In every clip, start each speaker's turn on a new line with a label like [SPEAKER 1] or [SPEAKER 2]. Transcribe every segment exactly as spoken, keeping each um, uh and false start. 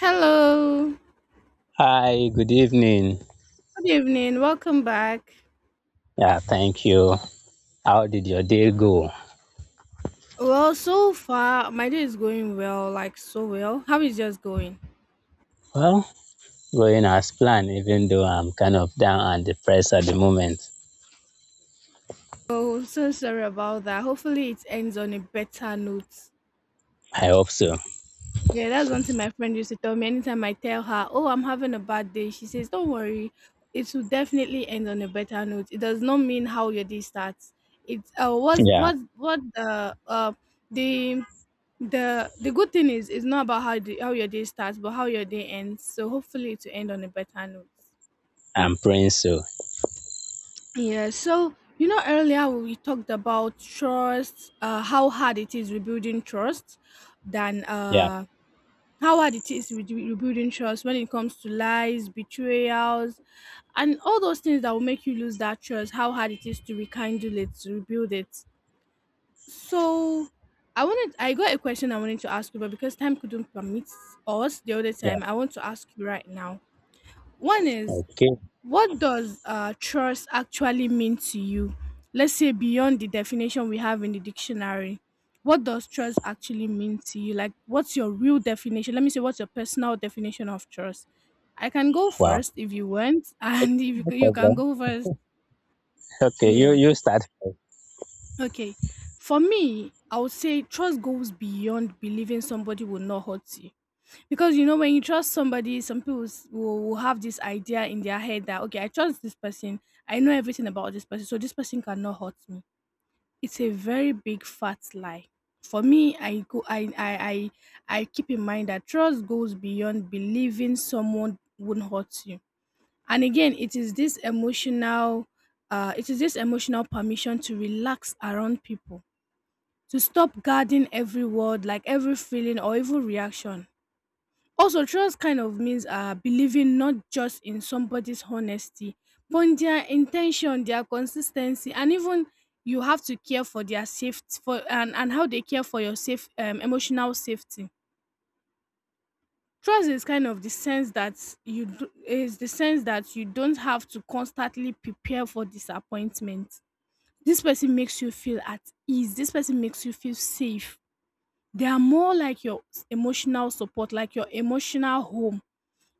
[SPEAKER 1] Hello.
[SPEAKER 2] Hi, good evening.
[SPEAKER 1] Good evening. Welcome back.
[SPEAKER 2] Yeah, thank you. How did your day go?
[SPEAKER 1] Well, so far my day is going well, like so well. How is yours going?
[SPEAKER 2] Well, going as planned, even though I'm kind of down and depressed at the moment.
[SPEAKER 1] Oh, so sorry about that. Hopefully it ends on a better note.
[SPEAKER 2] I hope so.
[SPEAKER 1] Yeah, that's one thing my friend used to tell me. Anytime I tell her, "Oh, I'm having a bad day," she says, "Don't worry, it will definitely end on a better note." It does not mean how your day starts. It's uh, what's
[SPEAKER 2] Yeah,
[SPEAKER 1] what what the uh the the the good thing is it's not about how the, how your day starts but how your day ends, so hopefully to end on a better note.
[SPEAKER 2] I'm praying so.
[SPEAKER 1] Yeah, so you know earlier we talked about trust, uh how hard it is rebuilding trust than
[SPEAKER 2] Yeah,
[SPEAKER 1] uh how hard it is re- rebuilding trust when it comes to lies, betrayals and all those things that will make you lose that trust, how hard it is to rekindle it, to rebuild it. So I wanted I got a question I wanted to ask you, but because time couldn't permit us the other
[SPEAKER 2] yeah.
[SPEAKER 1] time, I want to ask you right now. One is
[SPEAKER 2] Okay.
[SPEAKER 1] what does uh trust actually mean to you? Let's say beyond the definition we have in the dictionary. What does trust actually mean to you? Like what's your real definition? Let me say, what's your personal definition of trust? I can go
[SPEAKER 2] Wow.
[SPEAKER 1] first if you want, and if you,
[SPEAKER 2] No
[SPEAKER 1] c- you can
[SPEAKER 2] problem.
[SPEAKER 1] go first.
[SPEAKER 2] Okay, you
[SPEAKER 1] Yeah.
[SPEAKER 2] you start first.
[SPEAKER 1] Okay. For me, I would say trust goes beyond believing somebody will not hurt you. Because you know, when you trust somebody, some people s- will, will have this idea in their head that, okay, I trust this person. I know everything about this person, so this person cannot hurt me. It's a very big fat lie. For me, I go I I I, I keep in mind that trust goes beyond believing someone wouldn't hurt you. And again, it is this emotional uh it is this emotional permission to relax around people, to stop guarding every word, like every feeling or even reaction. Also, trust kind of means uh, believing not just in somebody's honesty, but in their intention, their consistency, and even you have to care for their safety, for and, and how they care for your safe um, emotional safety. Trust is kind of the sense that you do, is the sense that you don't have to constantly prepare for disappointment. This person makes you feel at ease. This person makes you feel safe. They are more like your s- emotional support, like your emotional home.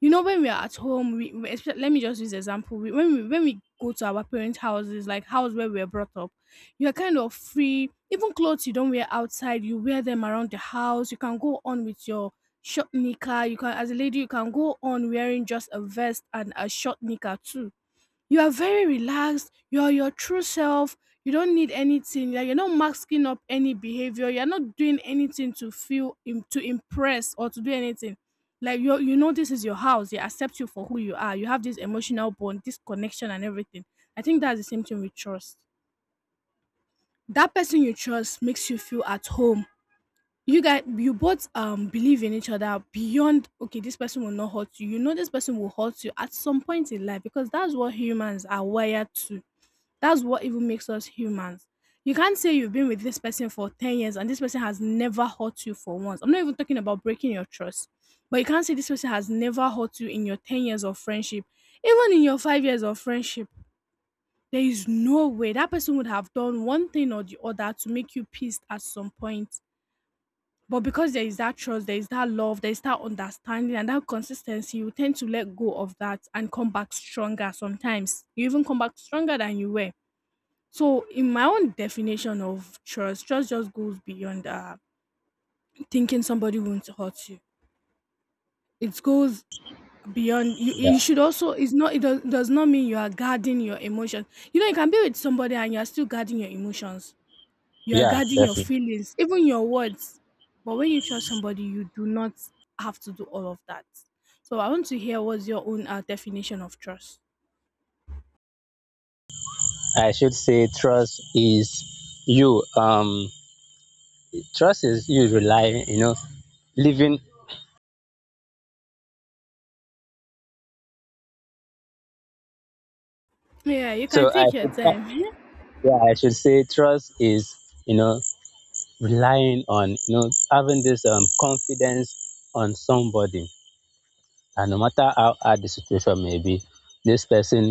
[SPEAKER 1] You know, when we are at home, we, we espe- let me just use example. We, when we when we go to our parents' houses, like house where we were brought up, you are kind of free. Even clothes you don't wear outside, you wear them around the house. You can go on with your short knicker. You can, as a lady, you can go on wearing just a vest and a short knicker too. You are very relaxed, you are your true self, you don't need anything, like you're not masking up any behavior, you're not doing anything to feel im to impress or to do anything. Like you you know this is your house, they accept you for who you are, you have this emotional bond, this connection and everything. I think that's the same thing with trust. That person you trust makes you feel at home. You guys, you both um believe in each other beyond, okay, this person will not hurt you. You know this person will hurt you at some point in life because that's what humans are wired to. That's what even makes us humans. You can't say you've been with this person for ten years and this person has never hurt you for once. I'm not even talking about breaking your trust, but you can't say this person has never hurt you in your ten years of friendship. Even in your five years of friendship, there is no way that person would have done one thing or the other to make you pissed at some point. But because there is that trust, there is that love, there is that understanding and that consistency, you tend to let go of that and come back stronger sometimes. You even come back stronger than you were. So, in my own definition of trust, trust just goes beyond uh, thinking somebody wants to hurt you. It goes beyond. You, you
[SPEAKER 2] Yeah,
[SPEAKER 1] should also. It's not. It does, does not mean you are guarding your emotions. You know, you can be with somebody and you are still guarding your emotions. You are
[SPEAKER 2] yeah,
[SPEAKER 1] guarding your
[SPEAKER 2] definitely.
[SPEAKER 1] feelings, even your words. But when you trust somebody, you do not have to do all of that. So, I want to hear what's your own uh, definition of trust.
[SPEAKER 2] I should say trust is you. Um, trust is you relying. You know, living.
[SPEAKER 1] Yeah, you can
[SPEAKER 2] So I
[SPEAKER 1] take your
[SPEAKER 2] should,
[SPEAKER 1] time.
[SPEAKER 2] yeah, I should say trust is, you know relying on, you know having this, um confidence on somebody, and no matter how hard the situation may be, this person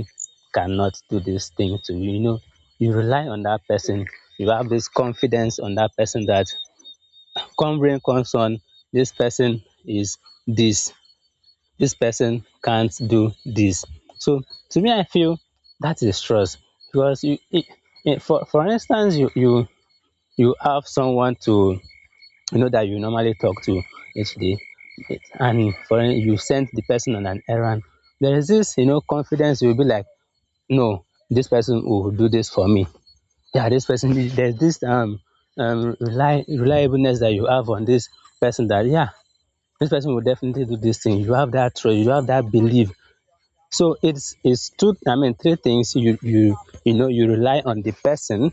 [SPEAKER 2] cannot do this thing to you. You know you rely on that person. You have this confidence on that person that come rain comes on, this person is, this this person can't do this. So to me, I feel that is trust because you it, it, for for instance, you you you have someone to, you know that you normally talk to each day, and for you sent the person on an errand, there is this, you know confidence. You'll be like, no, this person will do this for me, yeah, this person there's this, um, um reli- reliableness that you have on this person, that yeah, this person will definitely do this thing. You have that trust, you have that belief. So it's it's two, I mean three things. You you you know you rely on the person,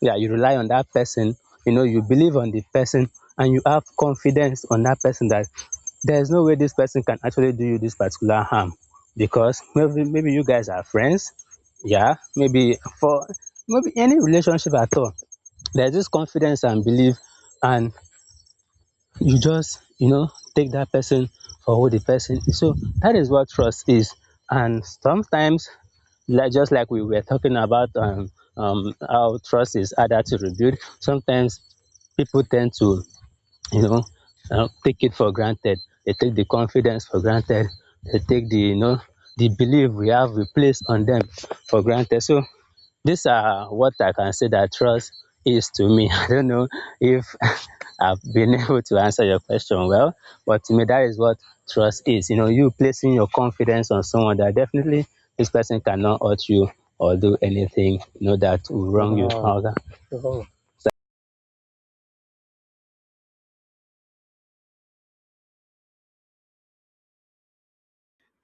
[SPEAKER 2] yeah, you rely on that person, you know you believe on the person, and you have confidence on that person that there's no way this person can actually do you this particular harm, because maybe maybe you guys are friends, yeah, maybe for maybe any relationship at all, there's this confidence and belief, and you just, you know take that person for who the person is. So that is what trust is. And sometimes, like just like we were talking about, um, um, how trust is harder to rebuild, sometimes people tend to, you know, uh, take it for granted. They take the confidence for granted. They take the, you know, the belief we have we place on them for granted. So these are what I can say that trust is to me. I don't know if I've been able to answer your question well, but to me that is what trust is. You know, you placing your confidence on someone that definitely this person cannot hurt you or do anything, you know, that will wrong you. Wow. However, wow.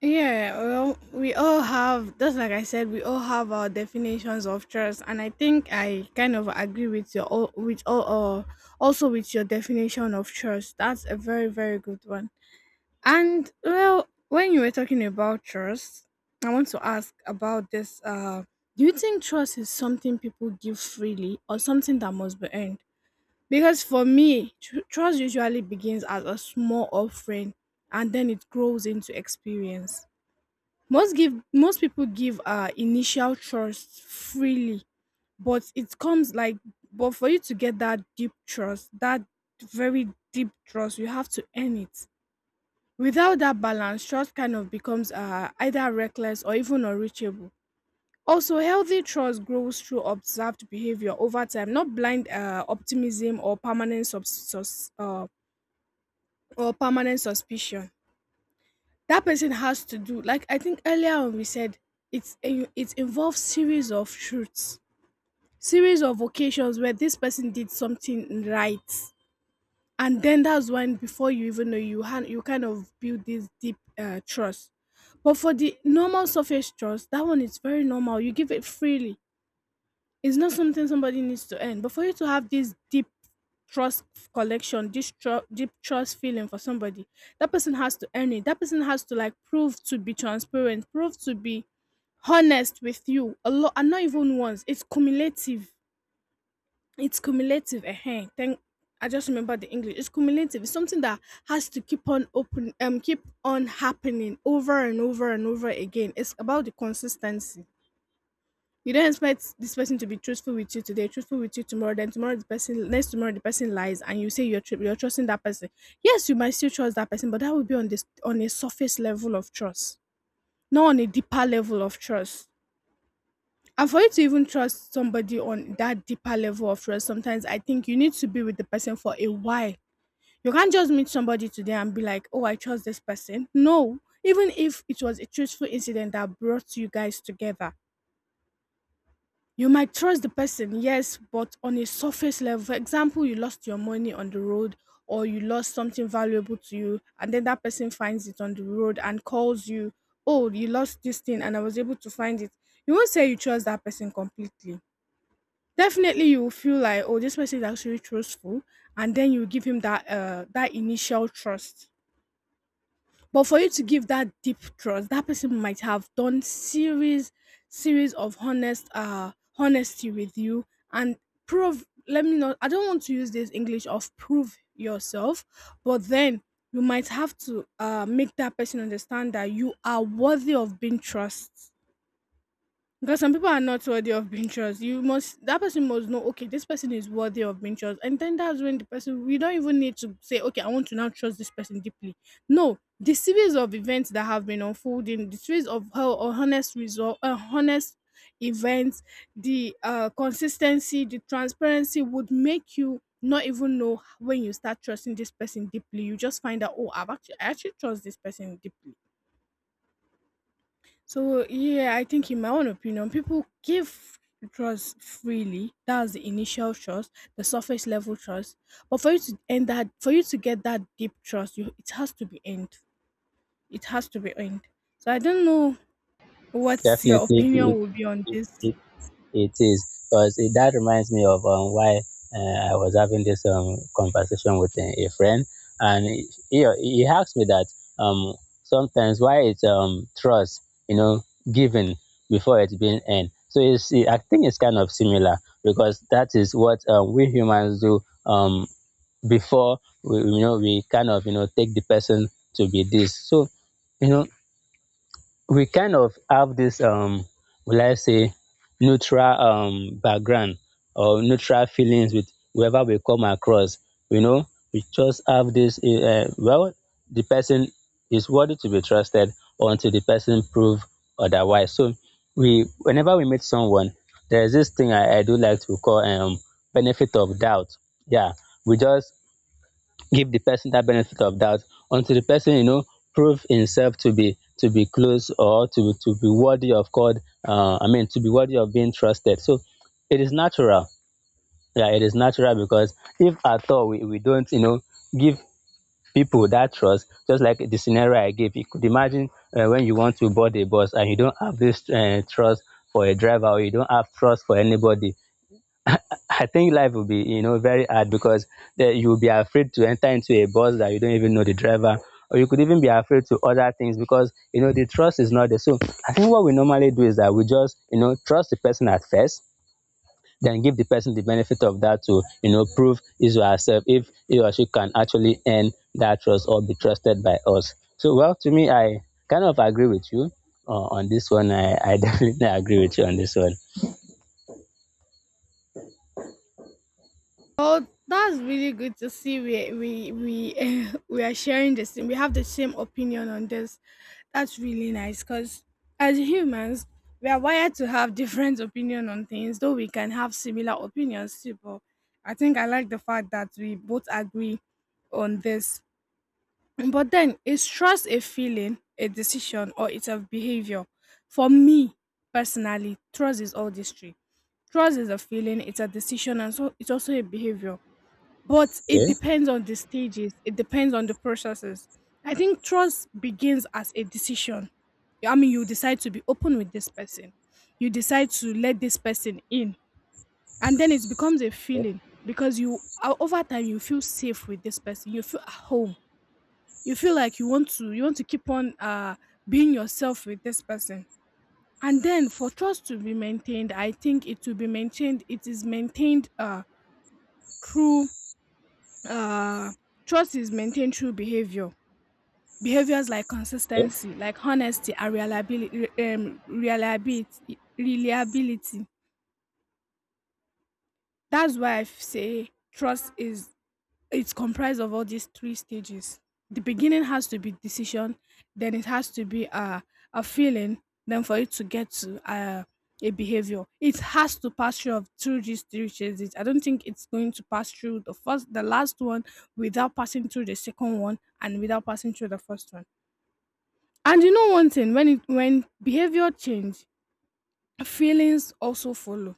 [SPEAKER 1] Yeah, well, we all have, just like I said, we all have our definitions of trust, and I think I kind of agree with your, al- with all, uh, also with your definition of trust. That's a very, very good one. And well, when you were talking about trust, I want to ask about this. Uh, do you think trust is something people give freely or something that must be earned? Because for me, tr- trust usually begins as a small offering, and then it grows into experience. Most give most people give uh initial trust freely, but it comes like but for you to get that deep trust, that very deep trust, you have to earn it. Without that balance, trust kind of becomes uh either reckless or even unreachable. Also, healthy trust grows through observed behavior over time, not blind uh, optimism or permanent subs- sus- uh, or permanent suspicion. That person has to do, like I think earlier on we said, it's a- it involves series of truths, series of occasions where this person did something right, and then that's when, before you even know, you han- you kind of build this deep uh, trust. But for the normal surface trust, that one is very normal, you give it freely. It's not something somebody needs to earn, but for you to have this deep trust collection, this tru- deep trust feeling for somebody, that person has to earn it. That person has to like prove to be transparent, prove to be honest with you a lot, and not even once. It's cumulative. It's cumulative. Eh, thank. I just remember the English. It's cumulative. It's something that has to keep on open, um, keep on happening over and over and over again. It's about the consistency. You don't expect this person to be truthful with you today, truthful with you tomorrow, then tomorrow the person, next tomorrow the person lies, and you say you're tru- you're trusting that person. Yes, you might still trust that person, but that would be on this on a surface level of trust, not on a deeper level of trust. And for you to even trust somebody on that deeper level of trust, sometimes I think you need to be with the person for a while. You can't just meet somebody today and be like, oh, I trust this person. No. Even if it was a truthful incident that brought you guys together, you might trust the person, yes, but on a surface level. For example, you lost your money on the road or you lost something valuable to you, and then that person finds it on the road and calls you, oh, you lost this thing and I was able to find it. You won't say you trust that person completely. Definitely you will feel like, oh, this person is actually truthful, and then you give him that uh that initial trust. But for you to give that deep trust, that person might have done series series of honest uh honesty with you, and prove let me not I don't want to use this English of prove yourself, but then you might have to uh make that person understand that you are worthy of being trusted. Because some people are not worthy of being trust. You must That person must know, okay, this person is worthy of being trust. And then that's when the person, we don't even need to say, okay, I want to now trust this person deeply. No, the series of events that have been unfolding, the series of how honest result uh, honest events, the uh consistency, the transparency would make you not even know when you start trusting this person deeply. You just find out, oh, I've actually I actually trust this person deeply. So yeah, I think in my own opinion, people give trust freely. That's the initial trust, the surface level trust. But for you to end that, for you to get that deep trust, you it has to be earned. It has to be earned. So I don't know what your
[SPEAKER 2] Definitely
[SPEAKER 1] opinion will be on
[SPEAKER 2] it,
[SPEAKER 1] this.
[SPEAKER 2] it, It is. Because that reminds me of, um, why, uh, I was having this, um, conversation with a, a friend, and he, he he asked me that, um, sometimes why it's, um, trust, you know, given before it's being earned. So it's I think it's kind of similar, because that is what, um, we humans do, um, before we, you know we kind of, you know take the person to be this. So, you know we kind of have this, um will I say neutral, um background, or neutral feelings with whoever we come across. You know, we just have this, uh, well, the person is worthy to be trusted until the person prove otherwise. So we whenever we meet someone, there's this thing I, I do like to call, um benefit of doubt. Yeah. We just give the person that benefit of doubt until the person, you know prove himself to be, to be close, or to to be worthy of God. Uh, I mean, to be worthy of being trusted. So it is natural. Yeah, it is natural, because if at all we, we don't, you know give people that trust, just like the scenario I gave, you could imagine, uh, when you want to board a bus and you don't have this, uh, trust for a driver, or you don't have trust for anybody. I think life will be, you know, very hard, because that you'll be afraid to enter into a bus that you don't even know the driver, or you could even be afraid to other things because, you know the trust is not there. So I think what we normally do is that we just, you know, trust the person at first, then give the person the benefit of that to, you know, prove is or herself if he or she can actually earn that trust or be trusted by us. So well, to me, I kind of agree with you, uh, on this one. I, I definitely agree with you on this one.
[SPEAKER 1] Oh, that's really good to see. We we we we are sharing the same. We have the same opinion on this. That's really nice because as humans, we are wired to have different opinion on things. Though we can have similar opinions too, but I think I like the fact that we both agree on this. But then, is trust a feeling, a decision, or it's a behavior? For me personally, trust is all these three. Trust is a feeling, it's a decision, and so it's also a behavior, but it
[SPEAKER 2] Okay.
[SPEAKER 1] depends on the stages, it depends on the processes. I think trust begins as a decision. I mean, you decide to be open with this person, you decide to let this person in, and then it becomes a feeling because you o- over time you feel safe with this person, you feel at home, you feel like you want to you want to keep on uh being yourself with this person. And then for trust to be maintained, I think it will be maintained, it is maintained uh through, uh trust is maintained through behavior, behaviors like
[SPEAKER 2] Okay.
[SPEAKER 1] consistency, like honesty and reliability um reliability reliability that's why i f- say trust, is it's comprised of all these three stages. The beginning has to be decision, then it has to be a a feeling, then for it to get to uh, a behavior. It has to pass through of through these three stages. I don't think it's going to pass through the first, the last one without passing through the second one and without passing through the first one. And you know one thing, when it when behavior change, feelings also follow.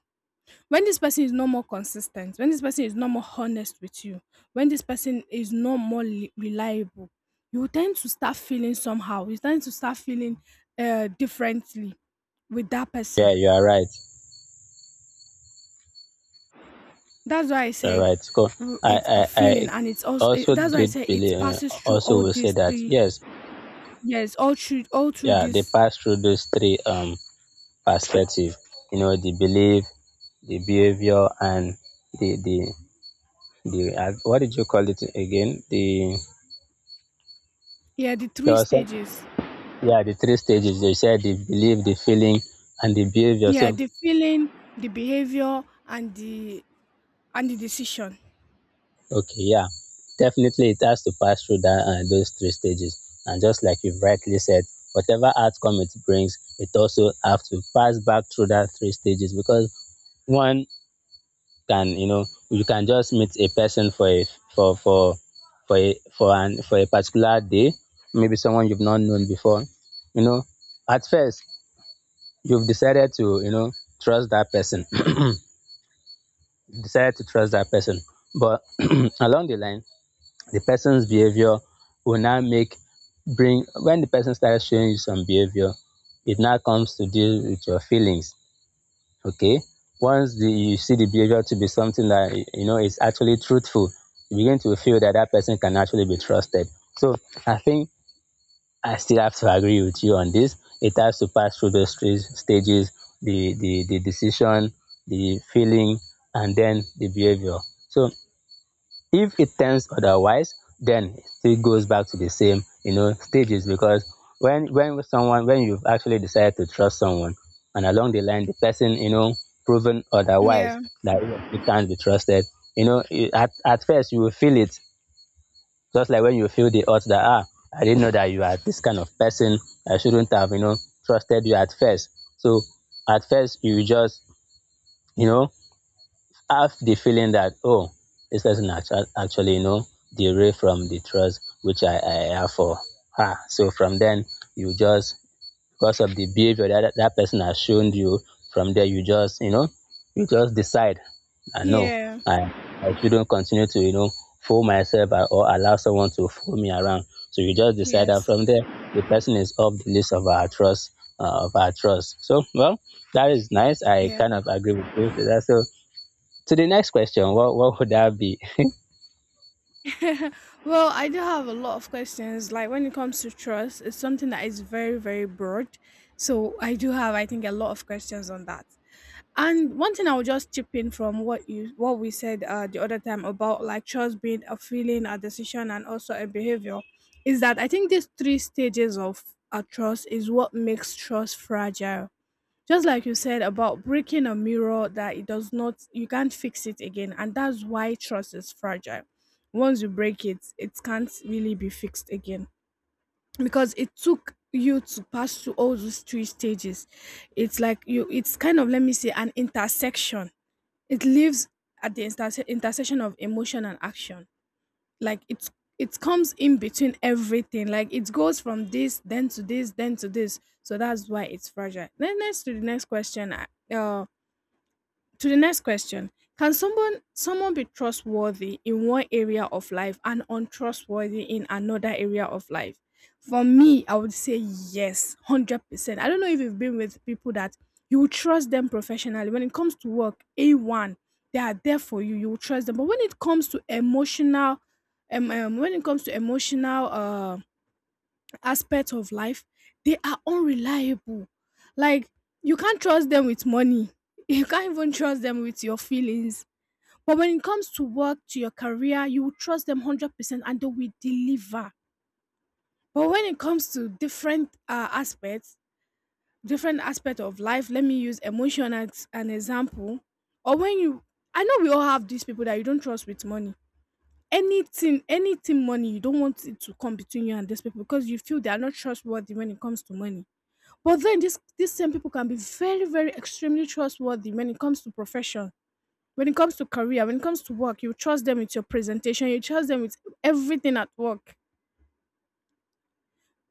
[SPEAKER 1] When this person is no more consistent, when this person is no more honest with you, when this person is no more li- reliable, you tend to start feeling somehow. You tend to start feeling uh, differently with that
[SPEAKER 2] Yeah,
[SPEAKER 1] person.
[SPEAKER 2] you are right.
[SPEAKER 1] That's why I
[SPEAKER 2] All
[SPEAKER 1] said
[SPEAKER 2] right. So
[SPEAKER 1] w-
[SPEAKER 2] I,
[SPEAKER 1] it's a
[SPEAKER 2] I, I
[SPEAKER 1] feeling, and it's also eh,
[SPEAKER 2] also
[SPEAKER 1] that's why I
[SPEAKER 2] did
[SPEAKER 1] say it
[SPEAKER 2] believe, uh,
[SPEAKER 1] passes through
[SPEAKER 2] also
[SPEAKER 1] all
[SPEAKER 2] will say
[SPEAKER 1] these
[SPEAKER 2] that,
[SPEAKER 1] three
[SPEAKER 2] yes,
[SPEAKER 1] years, all through all through
[SPEAKER 2] yeah, they
[SPEAKER 1] this,
[SPEAKER 2] pass through those three, um perspective, you know, the belief, the behavior, and the, the, the, uh, what did you call it again? The,
[SPEAKER 1] yeah, the
[SPEAKER 2] there
[SPEAKER 1] three
[SPEAKER 2] was some,
[SPEAKER 1] stages.
[SPEAKER 2] Yeah, the three stages. They said the belief, the feeling, and the behavior.
[SPEAKER 1] Yeah,
[SPEAKER 2] So
[SPEAKER 1] the feeling, the behavior, and the and the decision.
[SPEAKER 2] okay, yeah, definitely it has to pass through that uh, those three stages. And just like you've rightly said, whatever outcome it brings, it also have to pass back through that three stages, because one can, you know, you can just meet a person for a for for for a, for an for a particular day, maybe someone you've not known before. You know, at first you've decided to, you know, trust that person, decided to trust that person, but along the line, the person's behavior will now make bring when the person starts showing you some behavior, it now comes to deal with your feelings. Okay. Once the, you see the behavior to be something that you know is actually truthful, you begin to feel that that person can actually be trusted. So I think I still have to agree with you on this. It has to pass through those three stages: the the the decision, the feeling, and then the behavior. So if it turns otherwise, then it still goes back to the same, you know stages, because when when someone when you've actually decided to trust someone, and along the line, the person, you know proven otherwise,
[SPEAKER 1] Yeah,
[SPEAKER 2] that it can't be trusted, you know, it, at, at first you will feel it, just like when you feel the odds that, ah I didn't know that you are this kind of person. I shouldn't have, you know trusted you at first. So at first you just, you know have the feeling that, oh, this person actu- actually, you know, derive from the trust which I, I have for her. So from then, you just, because of the behavior that that person has shown you, from there, you just, you know, you just decide, I know,
[SPEAKER 1] yeah,
[SPEAKER 2] I, I shouldn't continue to, you know, fool myself or or allow someone to fool me around. So you just decide that
[SPEAKER 1] yes,
[SPEAKER 2] from there, the person is off the list of our trust, uh, of our trust. So, well, that is nice. I
[SPEAKER 1] yeah.
[SPEAKER 2] kind of agree with you. That's so. To the next question, what what would that be?
[SPEAKER 1] Well, I do have a lot of questions. Like when it comes to trust, it's something that is very, very broad. So I do have, I think, a lot of questions on that. And one thing I will just chip in from what you what we said uh, the other time, about like trust being a feeling, a decision, and also a behavior, is that I think these three stages of a trust is what makes trust fragile. Just like you said about breaking a mirror, that it does not you can't fix it again, and that's why trust is fragile. Once you break it it can't really be fixed again, because it took you to pass through all those three stages. It's like, you it's kind of, let me say, an intersection. It lives at the interse- intersection of emotion and action. Like, it's it comes in between everything. Like, it goes from this, then to this, then to this. So that's why it's fragile. Then next to the next question, uh, to the next question, can someone someone be trustworthy in one area of life and untrustworthy in another area of life? For me, I would say yes, one hundred percent. I don't know if you've been with people that you will trust them professionally. When it comes to work, A one, they are there for you. You will trust them. But when it comes to emotional um, um when it comes to emotional um aspect of life, they are unreliable. Like, you can't trust them with money. You can't even trust them with your feelings. But when it comes to work, to your career, you will trust them one hundred percent and they will deliver. But when it comes to different uh, aspects, different aspect of life, let me use emotion as an example. Or when you, I know we all have these people that you don't trust with money. Anything, anything money, you don't want it to come between you and these people because you feel they are not trustworthy when it comes to money. But then, this these same people can be very, very extremely trustworthy when it comes to profession, when it comes to career, when it comes to work. You trust them with your presentation, you trust them with everything at work.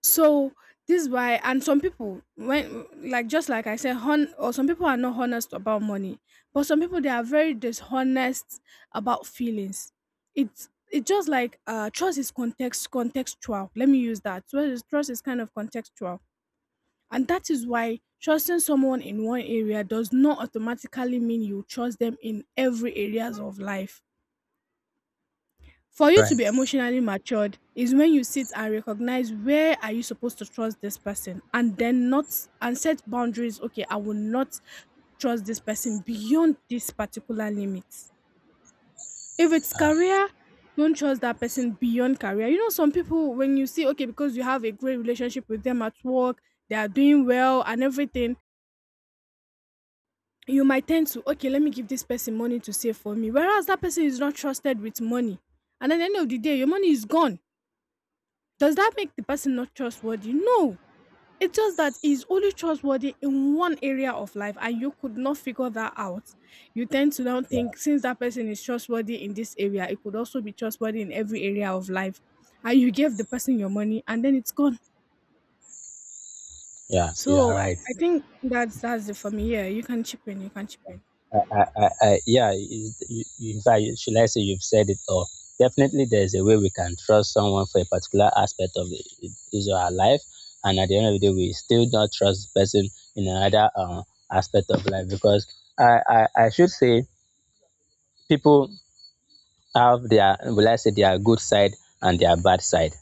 [SPEAKER 1] So this is why. And some people, when, like just like I said, hon or some people are not honest about money, but some people they are very dishonest about feelings. It's it's just like, uh trust is context contextual. Let me use that. So trust is kind of contextual. And that is why trusting someone in one area does not automatically mean you trust them in every areas of life. For you
[SPEAKER 2] Right.
[SPEAKER 1] to be emotionally matured is when you sit and recognize where are you supposed to trust this person and then not, and set boundaries. Okay, I will not trust this person beyond this particular limit. If it's
[SPEAKER 2] Uh,
[SPEAKER 1] career, don't trust that person beyond career. You know, some people, when you see, okay, because you have a great relationship with them at work, they are doing well and everything, you might tend to, okay, let me give this person money to save for me, whereas that person is not trusted with money, and at the end of the day your money is gone. Does that make the person not trustworthy? No, it's just that he's only trustworthy in one area of life and you could not figure that out. You tend to now
[SPEAKER 2] yeah,
[SPEAKER 1] think, since that person is trustworthy in this area, it could also be trustworthy in every area of life, and you gave the person your money, and then it's gone.
[SPEAKER 2] yeah, you are
[SPEAKER 1] So, i,
[SPEAKER 2] right.
[SPEAKER 1] I think that's that's it for me. Yeah, you can chip in, you can chip in
[SPEAKER 2] I, I, I, I- yeah, you, you, in fact, you- should I say you've said it all? Definitely, there's a way we can trust someone for a particular aspect of the- his or her life, and at the end of the day, we still not trust the person in another, um, aspect of life, because I, I, I should say people have their, will I say, their good side and their bad side.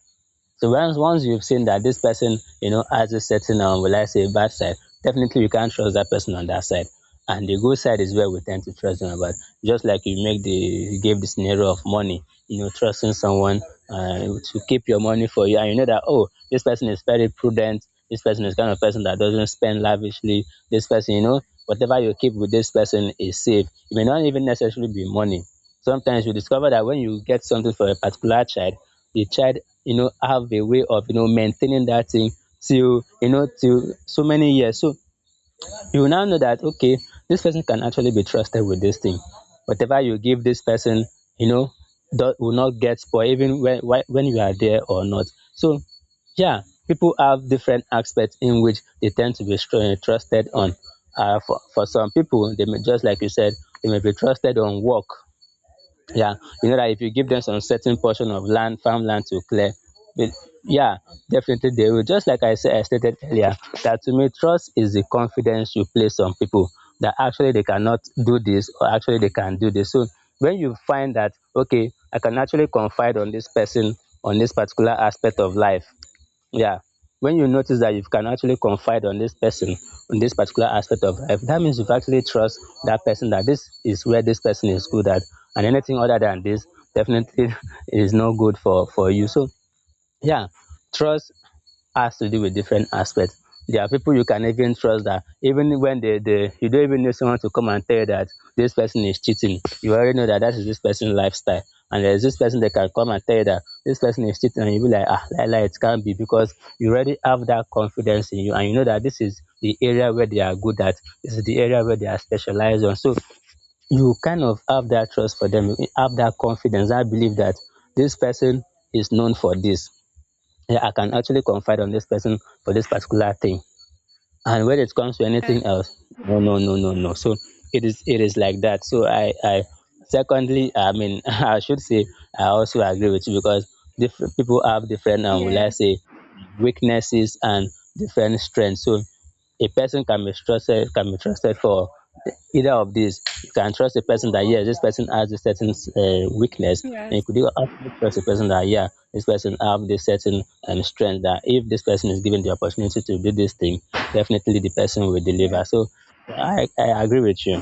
[SPEAKER 2] So once once you've seen that this person, you know, has a certain, um, will I say bad side, definitely you can't trust that person on that side. And the good side is where we tend to trust them about. Just like you make the you gave the scenario of money, you know, trusting someone, uh, to keep your money for you, and you know that, oh, this person is very prudent. This person is kind of person that doesn't spend lavishly. This person, you know, whatever you keep with this person is safe. It may not even necessarily be money. Sometimes you discover that when you get something for a particular child, the child, you know have a way of you know maintaining that thing till you know till so many years. So you will now know that okay, this person can actually be trusted with this thing. Whatever you give this person, you know that will not get spoiled even when whe- when you are there or not. So yeah, people have different aspects in which they tend to be str- eh, trusted on. uh, for, for some people, they may, just like you said, they may be trusted on work. Yeah, you know that if you give them some certain portion of land, farmland to clear. But yeah, definitely they will, just like i said i stated earlier, that to me trust is the confidence you place on people, that actually they cannot do this or actually they can do this. So when you find that okay, i can actually confide on this person on this particular aspect of life. Yeah. When you notice that you can actually confide on this person, on this particular aspect of life, that means you've actually trust that person, that this is where this person is good at. And anything other than this definitely is no good for, for you. So yeah, trust has to do with different aspects. There are people you can even trust that, even when they, they you don't even need someone to come and tell you that this person is cheating. You already know that that is this person's lifestyle. And there's this person that can come and tell you that this person is cheating and you be like, ah, like, like it can't be because you already have that confidence in you and you know that this is the area where they are good at. This is the area where they are specialized on. So you kind of have that trust for them, you have that confidence, I believe that this person is known for this. Yeah, I can actually confide on this person for this particular thing. And when it comes to
[SPEAKER 1] yeah,
[SPEAKER 2] anything else, no, no, no, no, no. So it is it is like that. So I I secondly, I mean, I should say I also agree with you because different people have different um, will
[SPEAKER 1] yeah,
[SPEAKER 2] I say weaknesses and different strengths. So a person can be trusted can be trusted for either of these. You can trust a person that, yes, this person has a certain uh, weakness, and you
[SPEAKER 1] yes,
[SPEAKER 2] could even also trust a person that, yeah, this person have this certain um, strength that if this person is given the opportunity to do this thing, definitely the person will
[SPEAKER 1] yeah.
[SPEAKER 2] deliver. So I, I agree with you.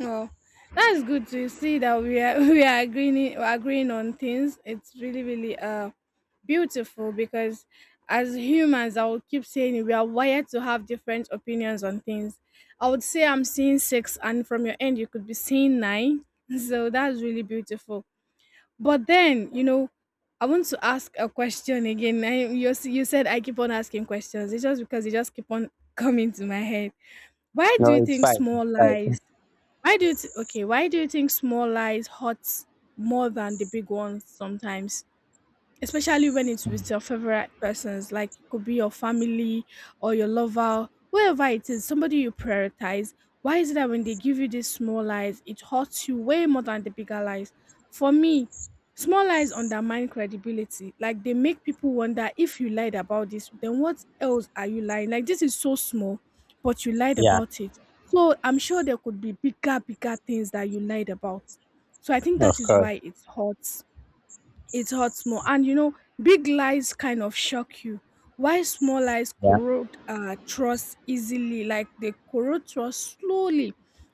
[SPEAKER 1] Oh, that's good to see that we are we are agreeing agreeing on things. It's really, really uh beautiful, because as humans, I will keep saying it, we are wired to have different opinions on things. I would say I'm seeing six, and from your end, you could be seeing nine. So that's really beautiful. But then, you know, I want to ask a question again. I, you s- you said I keep on asking questions. It's just because they just keep on coming to my head. Why do you
[SPEAKER 2] No, it's
[SPEAKER 1] think
[SPEAKER 2] fine.
[SPEAKER 1] small
[SPEAKER 2] It's fine.
[SPEAKER 1] lies? Why do you th- okay? Why do you think small lies hurt more than the big ones sometimes? Especially when it's with your favorite persons. Like, it could be your family or your lover, whoever it is, somebody you prioritize. Why is it that when they give you these small lies, it hurts you way more than the bigger lies? For me, small lies undermine credibility. Like, they make people wonder, if you lied about this, then what else are you lying? Like, this is so small, but you lied
[SPEAKER 2] Yeah,
[SPEAKER 1] about it. So I'm sure there could be bigger bigger things that you lied about. So I think
[SPEAKER 2] of
[SPEAKER 1] that is
[SPEAKER 2] course.
[SPEAKER 1] why it hurts it hurts more. And you know, big lies kind of shock you. Why small lies
[SPEAKER 2] Yeah,
[SPEAKER 1] corrode uh, trust easily, like they corrode trust slowly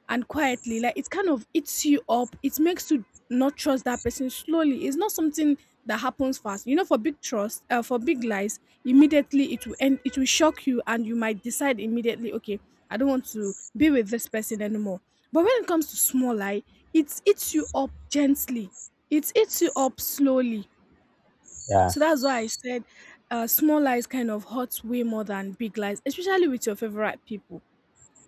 [SPEAKER 1] and quietly. Like, it kind of eats you up. It makes you not trust that person slowly. It's not something that happens fast. You know, for big trust, uh, for big lies, immediately it will end. It will shock you, and you might decide immediately, okay, I don't want to be with this person anymore. But when it comes to small lie, it eats you up gently, it eats you up slowly.
[SPEAKER 2] yeah,
[SPEAKER 1] So that's why I said uh, small lies kind of hurt way more than big lies, especially with your favorite people.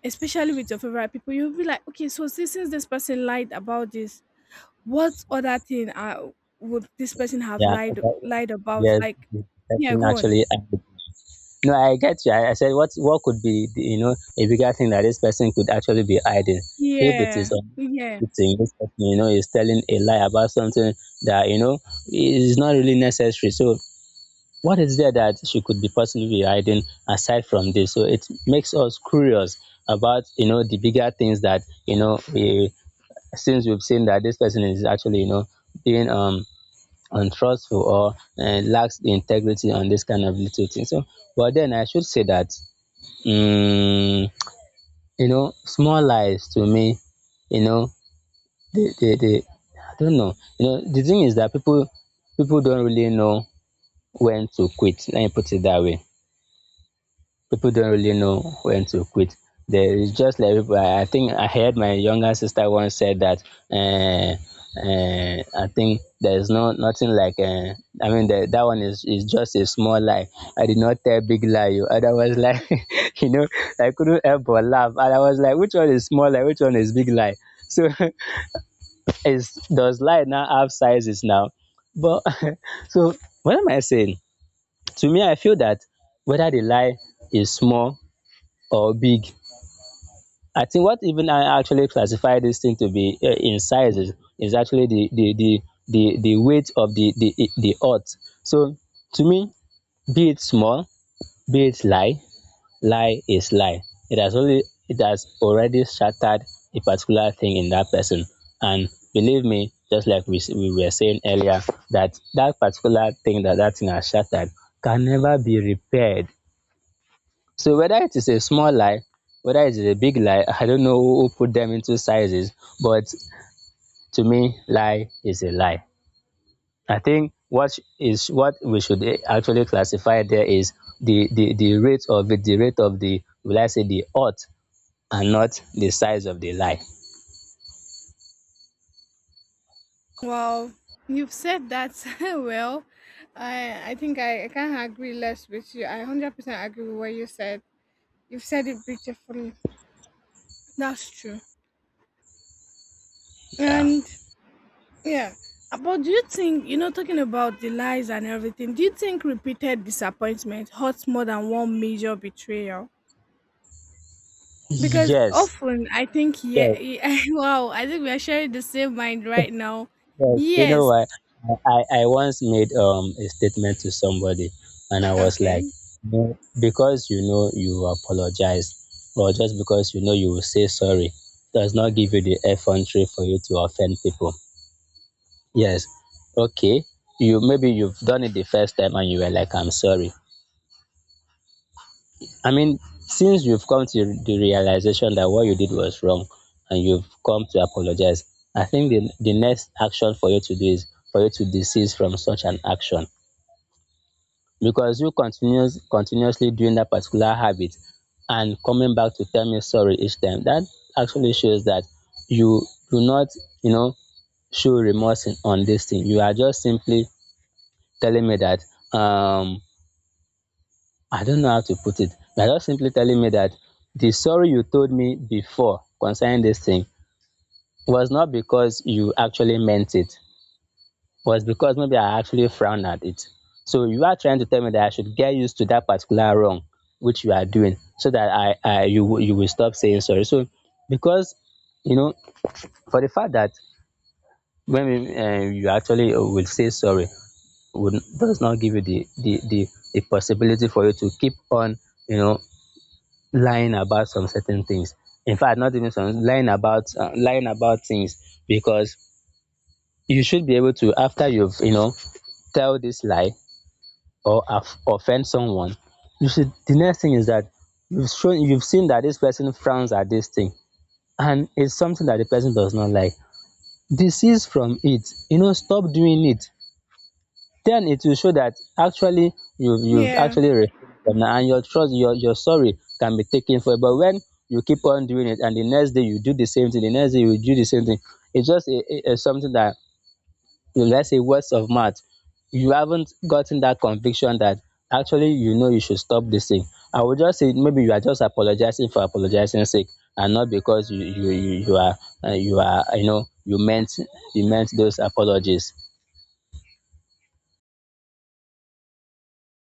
[SPEAKER 1] Especially with your favorite people, you'll be like, okay, so since since this person lied about this, what other thing uh, would this person have
[SPEAKER 2] yeah.
[SPEAKER 1] lied
[SPEAKER 2] But,
[SPEAKER 1] lied about?
[SPEAKER 2] yes,
[SPEAKER 1] Like,
[SPEAKER 2] the
[SPEAKER 1] yeah,
[SPEAKER 2] person
[SPEAKER 1] go on.
[SPEAKER 2] actually. No, I get you. I, I said, what what could be the, you know, a bigger thing that this person could actually be hiding? If it is
[SPEAKER 1] Yeah,
[SPEAKER 2] a
[SPEAKER 1] yeah.
[SPEAKER 2] good thing, this person, you know, is telling a lie about something that, you know, is not really necessary. So, what is there that she could be possibly be hiding aside from this? So, it makes us curious about, you know, the bigger things that, you know, we, since we've seen that this person is actually, you know, being um untrustful or uh, lacks the integrity on this kind of little thing. So, but then I should say that um you know small lies to me, you know they they they I don't know, you know the thing is that people people don't really know when to quit. Let me put it that way. People don't really know when to quit. There is just like people. I I think I heard my younger sister once said that. Uh, uh, I think there is no nothing like. Uh, I mean, the, that one is is just a small lie. I did not tell big lie. You And I was like, you know, I couldn't help but laugh, and I was like, which one is small lie? Which one is big lie? So, is does lie now have sizes now? But so what am I saying? To me, I feel that whether the lie is small or big. I think what even I actually classify this thing to be uh, in sizes is, is actually the the, the the the weight of the the the earth. So to me, be it small, be it lie, lie is lie. It has only, it has already shattered a particular thing in that person. And believe me, just like we s- we were saying earlier, that that particular thing that that thing has shattered can never be repaired. So whether it is a small lie, whether it is a big lie, I don't know who put them into sizes, but to me, lie is a lie. I think what is what we should eh, actually classify there is the the the rate of it, the rate of the, will I say, the odds, and not the size of the lie.
[SPEAKER 1] Well, you've said that well. I I think I, I can't agree less with you. I hundred percent agree with what you said. You've said it beautifully. That's true.
[SPEAKER 2] Yeah.
[SPEAKER 1] And yeah, Uh, but do you think, you know, talking about the lies and everything, do you think repeated disappointment hurts more than one major betrayal? Because
[SPEAKER 2] Yes.
[SPEAKER 1] often I think, yeah,
[SPEAKER 2] Yes.
[SPEAKER 1] yeah wow, I think we are sharing the same mind right now.
[SPEAKER 2] Yes, you know
[SPEAKER 1] Yes.
[SPEAKER 2] what? I, I I once made um a statement to somebody, and I was like,
[SPEAKER 1] Okay.
[SPEAKER 2] "No, because you know you apologize, or just because you know you will say sorry, does not give you the effrontery for you to offend people. Yes, okay, you maybe you've done it the first time and you were like, I'm sorry. I mean, since you've come to the realization that what you did was wrong and you've come to apologize, I think the, the next action for you to do is for you to desist from such an action. Because you continuous, continuously doing that particular habit and coming back to tell me sorry each time, that actually shows that you do not, you know, show remorse in, on this thing. You are just simply telling me that um I don't know how to put it. You're just simply telling me that the sorry you told me before concerning this thing was not because you actually meant it, was because maybe I actually frowned at it. So you are trying to tell me that I should get used to that particular wrong which you are doing, so that I, I you will- you will stop saying sorry. So because you know for the fact that when we, uh, you actually uh, will say sorry would does not give you the the the, the possibility for you to keep on you know lying about some certain things. In fact, not even some lying about uh, lying about things because you should be able to, after you've you know tell this lie or aff- offend someone. You should. The next thing is that you've shown you've seen that this person frowns at this thing and it's something that the person does not like. Desist from it. You know, stop doing it. Then it will show that actually you've you've
[SPEAKER 1] Yeah.
[SPEAKER 2] actually received them now and your trust your your sorry can be taken for it. But when you keep on doing it and the next day you do the same thing, the next day you do the same thing, it's just a, a, a something that, let's say, words of mouth. You haven't gotten that conviction that actually you know you should stop this thing. I would just say maybe you are just apologizing for apologizing sake, and not because you you you, you are uh, you are you know you meant you meant those apologies.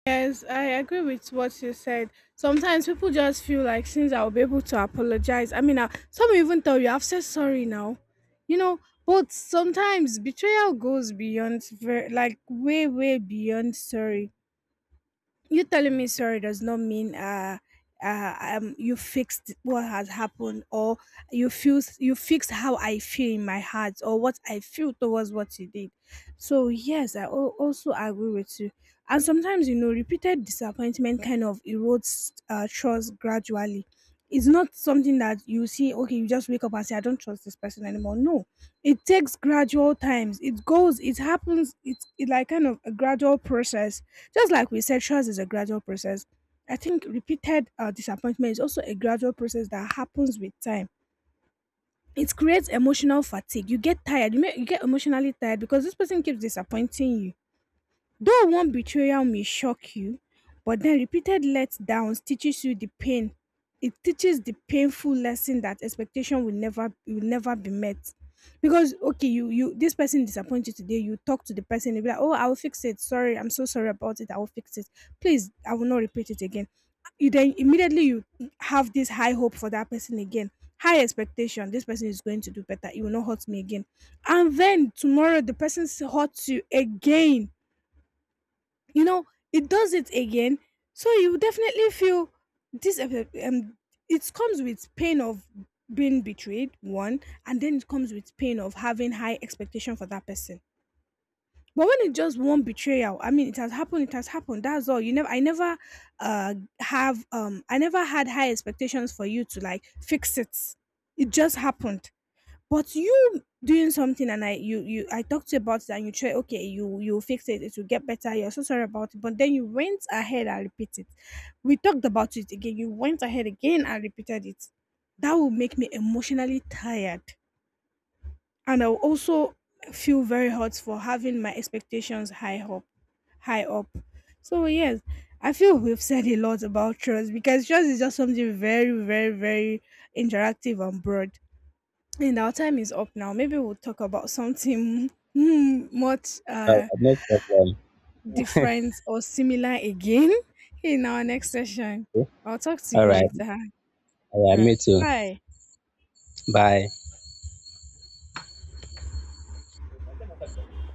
[SPEAKER 1] Yes, I agree with what you said. Sometimes people just feel like, since I'll be able to apologize. I mean, uh, some even tell you, I've said sorry now. You know, but sometimes betrayal goes beyond, ver- like, way, way beyond sorry. You telling me sorry does not mean uh uh, um, you fixed what has happened, or you feel you fixed how I feel in my heart, or what I feel towards what you did. So yes, I al- also agree with you. And sometimes, you know, repeated disappointment kind of erodes uh, trust gradually. It's not something that you see. Okay, you just wake up and say, "I don't trust this person anymore." No, it takes gradual times. It goes, it happens. It's it like kind of a gradual process, just like we said, trust is a gradual process. I think repeated uh, disappointment is also a gradual process that happens with time. It creates emotional fatigue. You get tired. You, may, you get emotionally tired because this person keeps disappointing you. Though one betrayal may shock you, but then repeated letdowns teaches you the pain. It teaches the painful lesson that expectation will never will never be met. Because, okay, you you this person disappointed you today, you talk to the person, you be like, oh, I will fix it, sorry, I'm so sorry about it, I will fix it, please, I will not repeat it again. You Then immediately you have this high hope for that person again. High expectation, this person is going to do better, he will not hurt me again. And then tomorrow the person s- hurts you again, you know, it does it again. So you definitely feel this, uh, um it comes with pain of being betrayed, one, and then it comes with pain of having high expectation for that person. But when it's just one betrayal, I mean, it has happened it has happened, that's all. You never I never uh have um I never had high expectations for you to like fix it, it just happened. But you doing something, and I you you I talked to you about that, and you try, okay, you you fix it, it will get better, you're so sorry about it, but then you went ahead and repeated it. We talked about it again, you went ahead again and repeated it. That will make me emotionally tired, and I'll also feel very hurt for having my expectations high up high up. So yes, I feel we've said a lot about trust because trust is just something very, very, very interactive and broad, and our time is up now. Maybe we'll talk about something mm, much
[SPEAKER 2] All
[SPEAKER 1] uh,
[SPEAKER 2] right, no problem.
[SPEAKER 1] different or similar again in our next session. I'll talk to
[SPEAKER 2] All
[SPEAKER 1] you
[SPEAKER 2] right.
[SPEAKER 1] later.
[SPEAKER 2] Yeah,
[SPEAKER 1] Right.
[SPEAKER 2] me too.
[SPEAKER 1] Bye.
[SPEAKER 2] Bye.